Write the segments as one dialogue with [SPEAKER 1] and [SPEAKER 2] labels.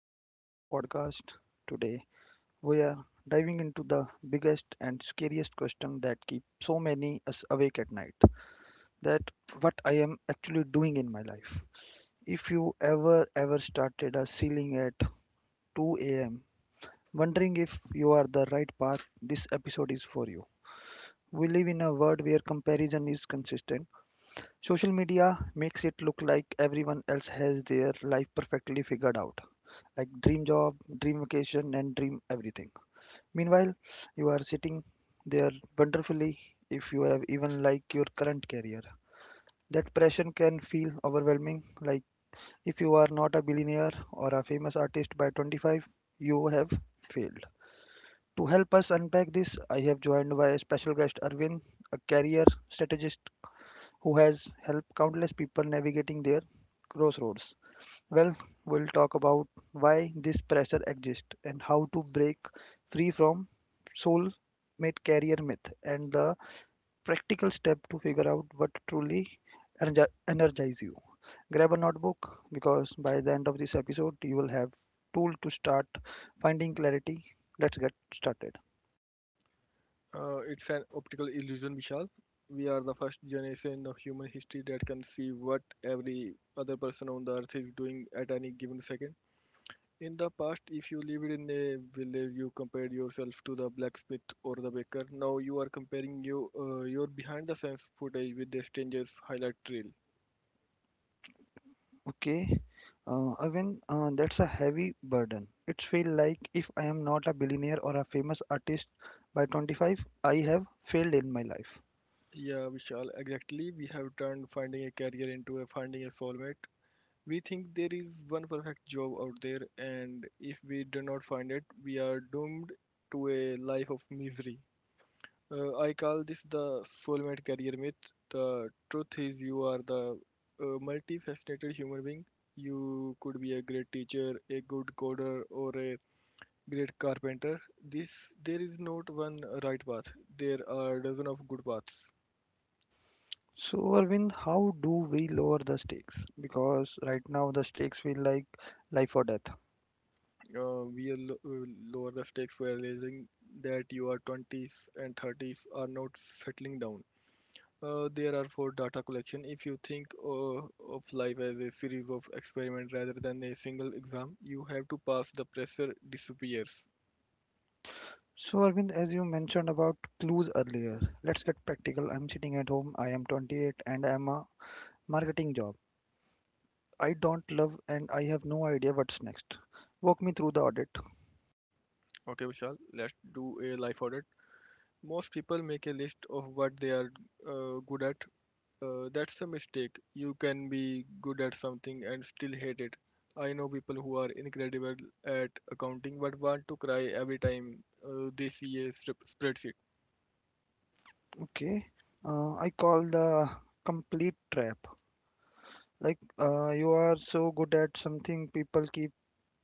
[SPEAKER 1] welcome back to the podcast. Today we are diving into the biggest and scariest question that keeps so many us awake at night. That what I am actually doing in my life. If you ever started a ceiling at 2 a.m. wondering if you are the right path, this episode is for you. We live in a world where comparison is consistent. Social media makes it look like everyone else has their life perfectly figured out. Like dream job, dream vacation, and dream everything. Meanwhile, you are sitting there wonderfully if you have even like your current career. That pressure can feel overwhelming. Like if you are not a billionaire or a famous artist by 25, you have failed. To help us unpack this, I have joined by special guest Arvind, a career strategist who has helped countless people navigating their crossroads. Well, we'll talk about why this pressure exists and how to break free from soul mate carrier myth and the practical step to figure out what truly energize you. Grab a notebook because by the end of this episode you will have tool to start finding clarity. Let's get started.
[SPEAKER 2] It's an optical illusion, Vishal. We are the first generation of human history that can see what every other person on the earth is doing at any given second. In the past, if you lived in a village, you compared yourself to the blacksmith or the baker. Now you are comparing your behind the scenes footage with the stranger's highlight reel.
[SPEAKER 1] Okay. That's a heavy burden. It feels like if I am not a billionaire or a famous artist by 25, I have failed in my life.
[SPEAKER 2] Yeah, Vishal, exactly. We have turned finding a career into a finding a soulmate. We think there is one perfect job out there, and if we do not find it, we are doomed to a life of misery. I call this the soulmate career myth. The truth is, you are the multifaceted human being. You could be a great teacher, a good coder, or a great carpenter. This There is not one right path. There are dozen of good paths.
[SPEAKER 1] So, Arvind, how do we lower the stakes? Because right now the stakes feel like life or death.
[SPEAKER 2] uh, we lo- uh, Lower the stakes for realizing that your 20s and 30s are not settling down. There are for data collection. If you think of life as a series of experiments rather than a single exam, you have to pass. The pressure disappears.
[SPEAKER 1] So, Arvind, as you mentioned about clues earlier, let's get practical. I'm sitting at home, I am 28, and I'm a marketing job. I don't love and I have no idea what's next. Walk me through the audit.
[SPEAKER 2] Okay, Vishal, let's do a life audit. Most people make a list of what they are good at. That's a mistake. You can be good at something and still hate it. I know people who are incredible at accounting but want to cry every time they see a spreadsheet.
[SPEAKER 1] Okay. I call the complete trap. Like, you are so good at something, people keep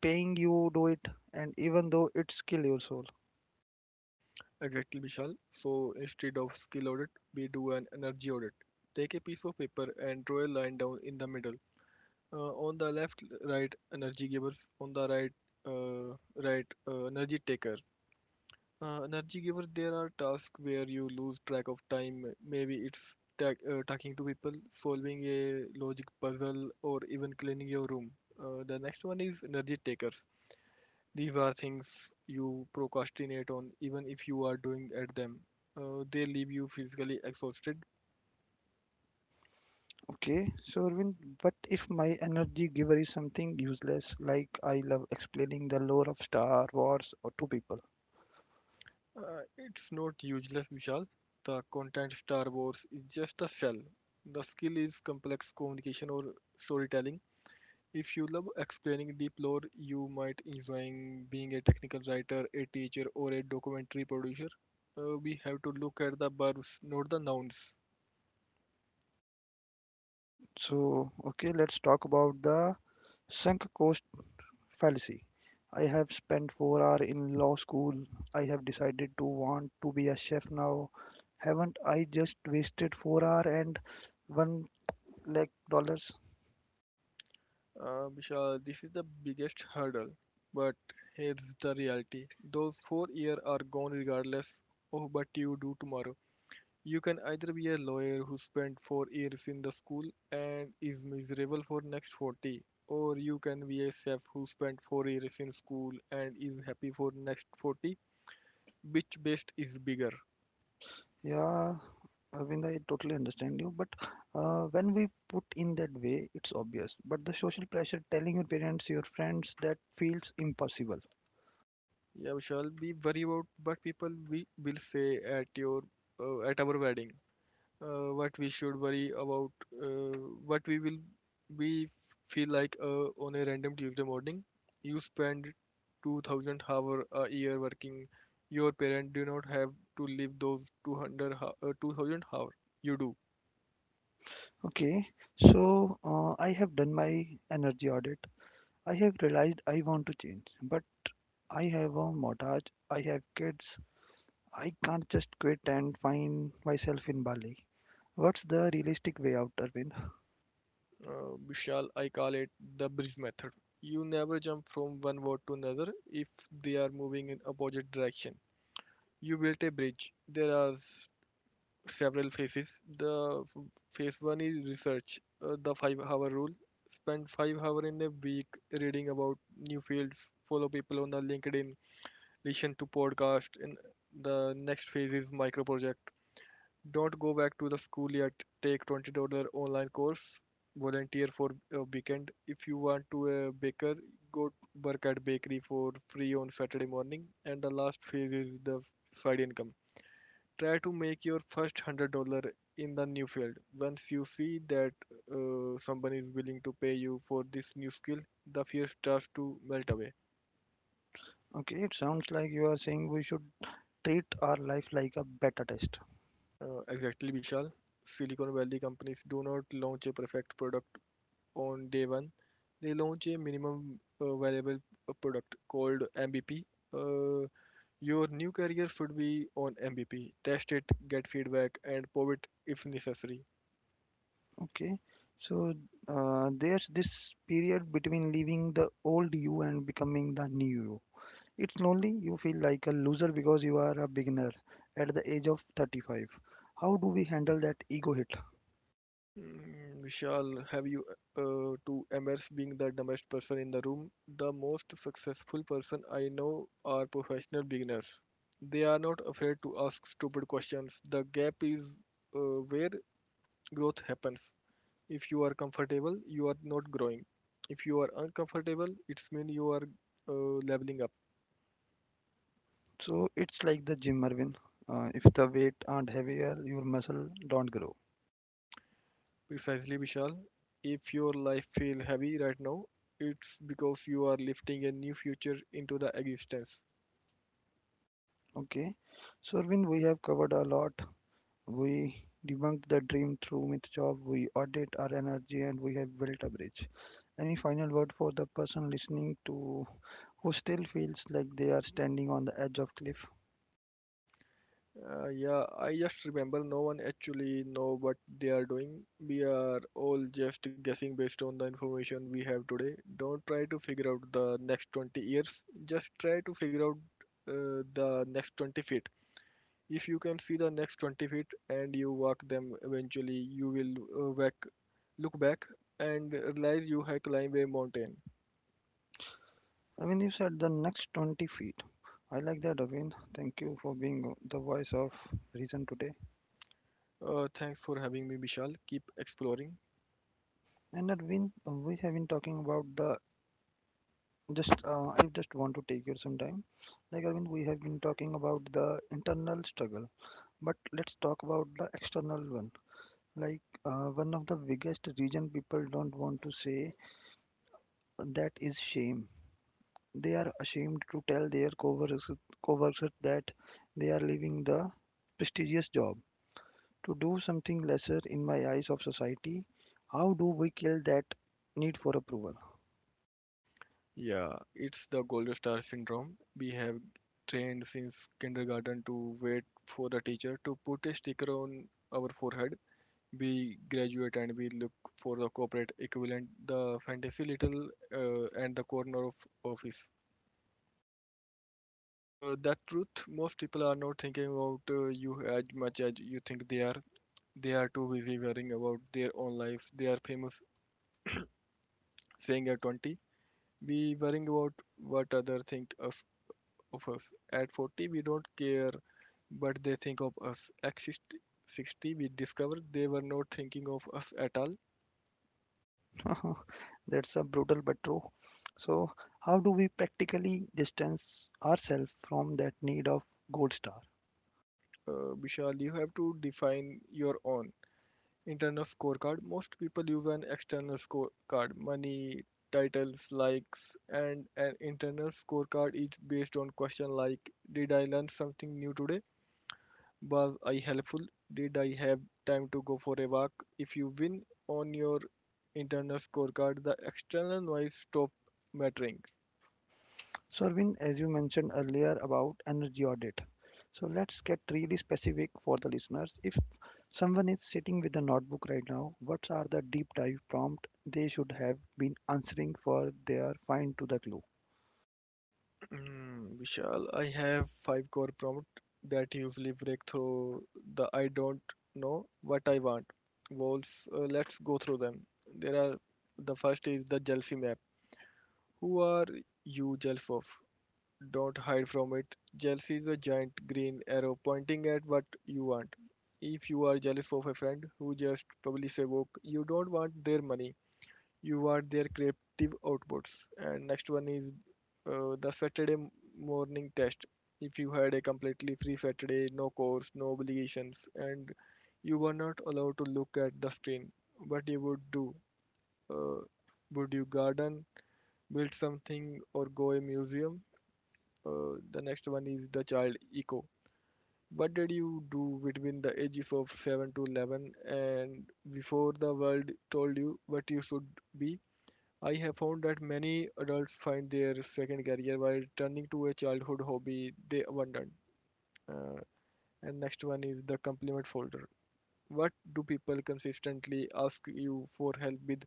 [SPEAKER 1] paying you do it, and even though it's kill your soul.
[SPEAKER 2] Exactly, Vishal. So instead of skill audit, we do an energy audit. Take a piece of paper and draw a line down in the middle. On the left, right energy givers. On the right, uh, right energy taker. Energy giver, there are tasks where you lose track of time. Maybe it's talking to people, solving a logic puzzle, or even cleaning your room. The next one is energy takers. These are things you procrastinate on, even if you are doing at them. They leave you physically exhausted.
[SPEAKER 1] Okay, so Arvind, but if my energy giver is something useless, like I love explaining the lore of Star Wars or to people.
[SPEAKER 2] It's not useless, Vishal. The content Star Wars is just a shell. The skill is complex communication or storytelling. If you love explaining deep lore, you might enjoying being a technical writer, a teacher, or a documentary producer. We have to look at the verbs, not the nouns.
[SPEAKER 1] So, okay, let's talk about the sunk cost fallacy. I have spent 4 hours in law school. I have decided to want to be a chef now. Haven't I just wasted 4 hours and 1 lakh dollars?
[SPEAKER 2] Vishal, this is the biggest hurdle. But here's the reality: those 4 years are gone regardless of what you do tomorrow. You can either be a lawyer who spent 4 years in the school and is miserable for next 40, or you can be a chef who spent 4 years in school and is happy for next 40, which best is bigger?
[SPEAKER 1] Yeah, Arvind, I totally understand you. But when we put in that way, it's obvious. But the social pressure telling your parents, your friends, that feels impossible.
[SPEAKER 2] Yeah, we shall be worry about what people we will say at our wedding. What we should worry about. Uh, what we feel like on a random Tuesday morning. You spend 2,000 hour a year working. Your parents do not have to live those 2000 hour. You do.
[SPEAKER 1] Okay, so I have done my energy audit. I have realized I want to change, but I have a mortgage, I have kids. I can't just quit and find myself in Bali. What's the realistic way out, Arvind?
[SPEAKER 2] Vishal, I call it the bridge method. You never jump from one word to another if they are moving in opposite direction. You built a bridge. There are several phases. The f- phase one is research, the 5 hour rule. Spend 5 hours in a week reading about new fields, follow people on the LinkedIn, listen to podcasts. And the next phase is micro project. Don't go back to the school yet. Take $20 online course. Volunteer for a weekend. If you want to a baker, go work at bakery for free on Saturday morning. And the last phase is the side income. Try to make your first $100 in the new field. Once you see that someone is willing to pay you for this new skill, the fear starts to melt away.
[SPEAKER 1] Okay, it sounds like you are saying we should treat our life like a beta test.
[SPEAKER 2] Exactly, Vishal. Silicon Valley companies do not launch a perfect product on day one. They launch a minimum viable product called MVP. Uh, your new career should be on MVP. Test it, get feedback, and pivot if necessary.
[SPEAKER 1] Okay, so there's this period between leaving the old you and becoming the new you. It's lonely, you feel like a loser because you are a beginner at the age of 35. How do we handle that ego hit?
[SPEAKER 2] Mm, Vishal, have you to embrace being the dumbest person in the room? The most successful person I know are professional beginners. They are not afraid to ask stupid questions. The gap is where growth happens. If you are comfortable, you are not growing. If you are uncomfortable, it's mean you are leveling up.
[SPEAKER 1] So it's like the gym, Arvin. If the weight aren't heavier, your muscle don't grow.
[SPEAKER 2] Precisely, Vishal. If your life feel heavy right now, it's because you are lifting a new future into the existence.
[SPEAKER 1] Okay, so Arvin, we have covered a lot. We debunked the dream through myth job, we audit our energy, and we have built a bridge. Any final word for the person listening to who still feels like they are standing on the edge of cliff.
[SPEAKER 2] Yeah, I just remember no one actually know what they are doing. We are all just guessing based on the information we have today. Don't try to figure out the next 20 years. Just try to figure out the next 20 feet. If you can see the next 20 feet and you walk them eventually, you will look back and realize you have climbed a mountain.
[SPEAKER 1] I mean, you said the next 20 feet. I like that, Arvind. Thank you for being the voice of reason today.
[SPEAKER 2] Thanks for having me, Vishal. Keep exploring.
[SPEAKER 1] And Arvind, we have been talking about the just. I just want to take you some time. Like Arvind, we have been talking about the internal struggle, but let's talk about the external one. Like one of the biggest reason people don't want to say that is shame. They are ashamed to tell their coworkers that they are leaving the prestigious job to do something lesser in my eyes of society. How do we kill that need for approval?
[SPEAKER 2] Yeah, it's the gold star syndrome. We have trained since kindergarten to wait for the teacher to put a sticker on our forehead. We graduate and we look for the corporate equivalent, the fantasy little, and the corner of office. That truth, most people are not thinking about you as much as you think they are. They are too busy worrying about their own lives. They are famous saying at 20, we worrying about what other think of us. At 40, we don't care, but they think of us. At 60, we discover they were not thinking of us at all.
[SPEAKER 1] That's a brutal but true. So, how do we practically distance ourselves from that need of gold star?
[SPEAKER 2] Vishal, you have to define your own internal scorecard. Most people use an external scorecard, money, titles, likes, and an internal scorecard is based on questions like: Did I learn something new today? Was I helpful? Did I have time to go for a walk? If you win on your internal scorecard, the external noise stop mattering.
[SPEAKER 1] So Arvind, as you mentioned earlier about energy audit, so let's get really specific for the listeners. If someone is sitting with a notebook right now, what are the deep dive prompt they should have been answering for their find to the clue?
[SPEAKER 2] Vishal, I have five core prompts that usually break through the I don't know what I want walls. Let's go through them. There are the first is the jealousy map. Who are you jealous of? Don't hide from it. Jealousy is a giant green arrow pointing at what you want. If you are jealous of a friend who just published a book, you don't want their money. You want their creative outputs. And next one is the Saturday morning test. If you had a completely free Saturday, no course, no obligations, and you were not allowed to look at the screen, what you would do? Uh, would you garden, build something, or go a museum? The next one is the child echo. What did you do between the ages of 7 to 11 and before the world told you what you should be? I have found that many adults find their second career while turning to a childhood hobby they abandoned. Uh, and next one is the compliment folder. What do people consistently ask you for help with?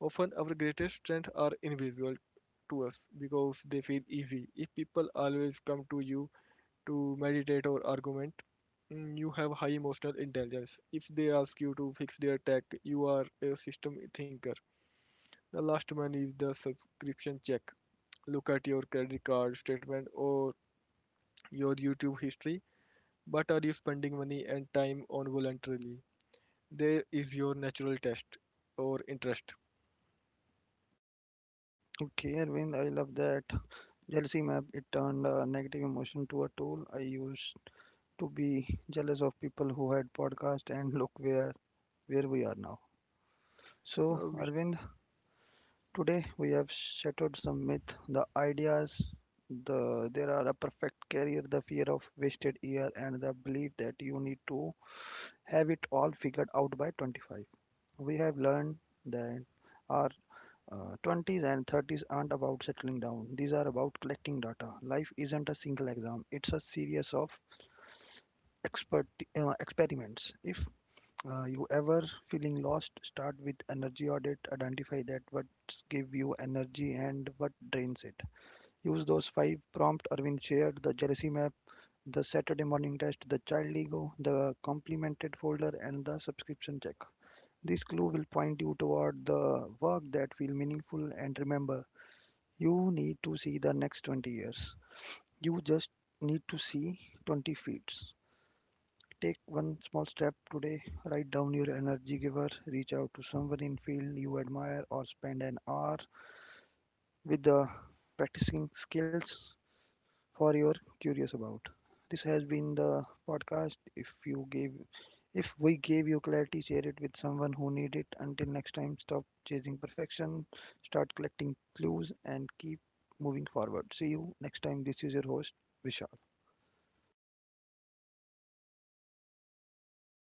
[SPEAKER 2] Often our greatest strengths are invisible to us because they feel easy. If people always come to you to meditate or argument. Mm, you have high emotional intelligence. If they ask you to fix their tech, you are a system thinker. The last one is the subscription check. Look at your credit card statement or your YouTube history. But are you spending money and time on voluntarily? There is your natural test or interest.
[SPEAKER 1] Okay, Arvind, I love that. Jealousy map, it turned a negative emotion to a tool I used to be jealous of people who had podcast and look where we are now. So,
[SPEAKER 2] Uh,
[SPEAKER 1] Arvind, today we have shattered some myths, the ideas the there are a perfect career, the fear of wasted year and the belief that you need to have it all figured out by 25. We have learned that our 20s and 30s aren't about settling down. These are about collecting data. Life isn't a single exam. It's a series of expert experiments. If you ever feeling lost? Start with energy audit. Identify that what give you energy and what drains it. Use those five prompt Arvind shared: the jealousy map, the Saturday morning test, the child ego, the complemented folder, and the subscription check. This clue will point you toward the work that feel meaningful. And remember, you need to see the next 20 years. You just need to see 20 feet. Take one small step today. Write down your energy giver, reach out to someone in field you admire or spend an hour with the practicing skills for you're curious about. This has been the podcast. If we gave you clarity, share it with someone who need it. Until next time, stop chasing perfection, start collecting clues and keep moving forward. See you next time. This is your host Vishal.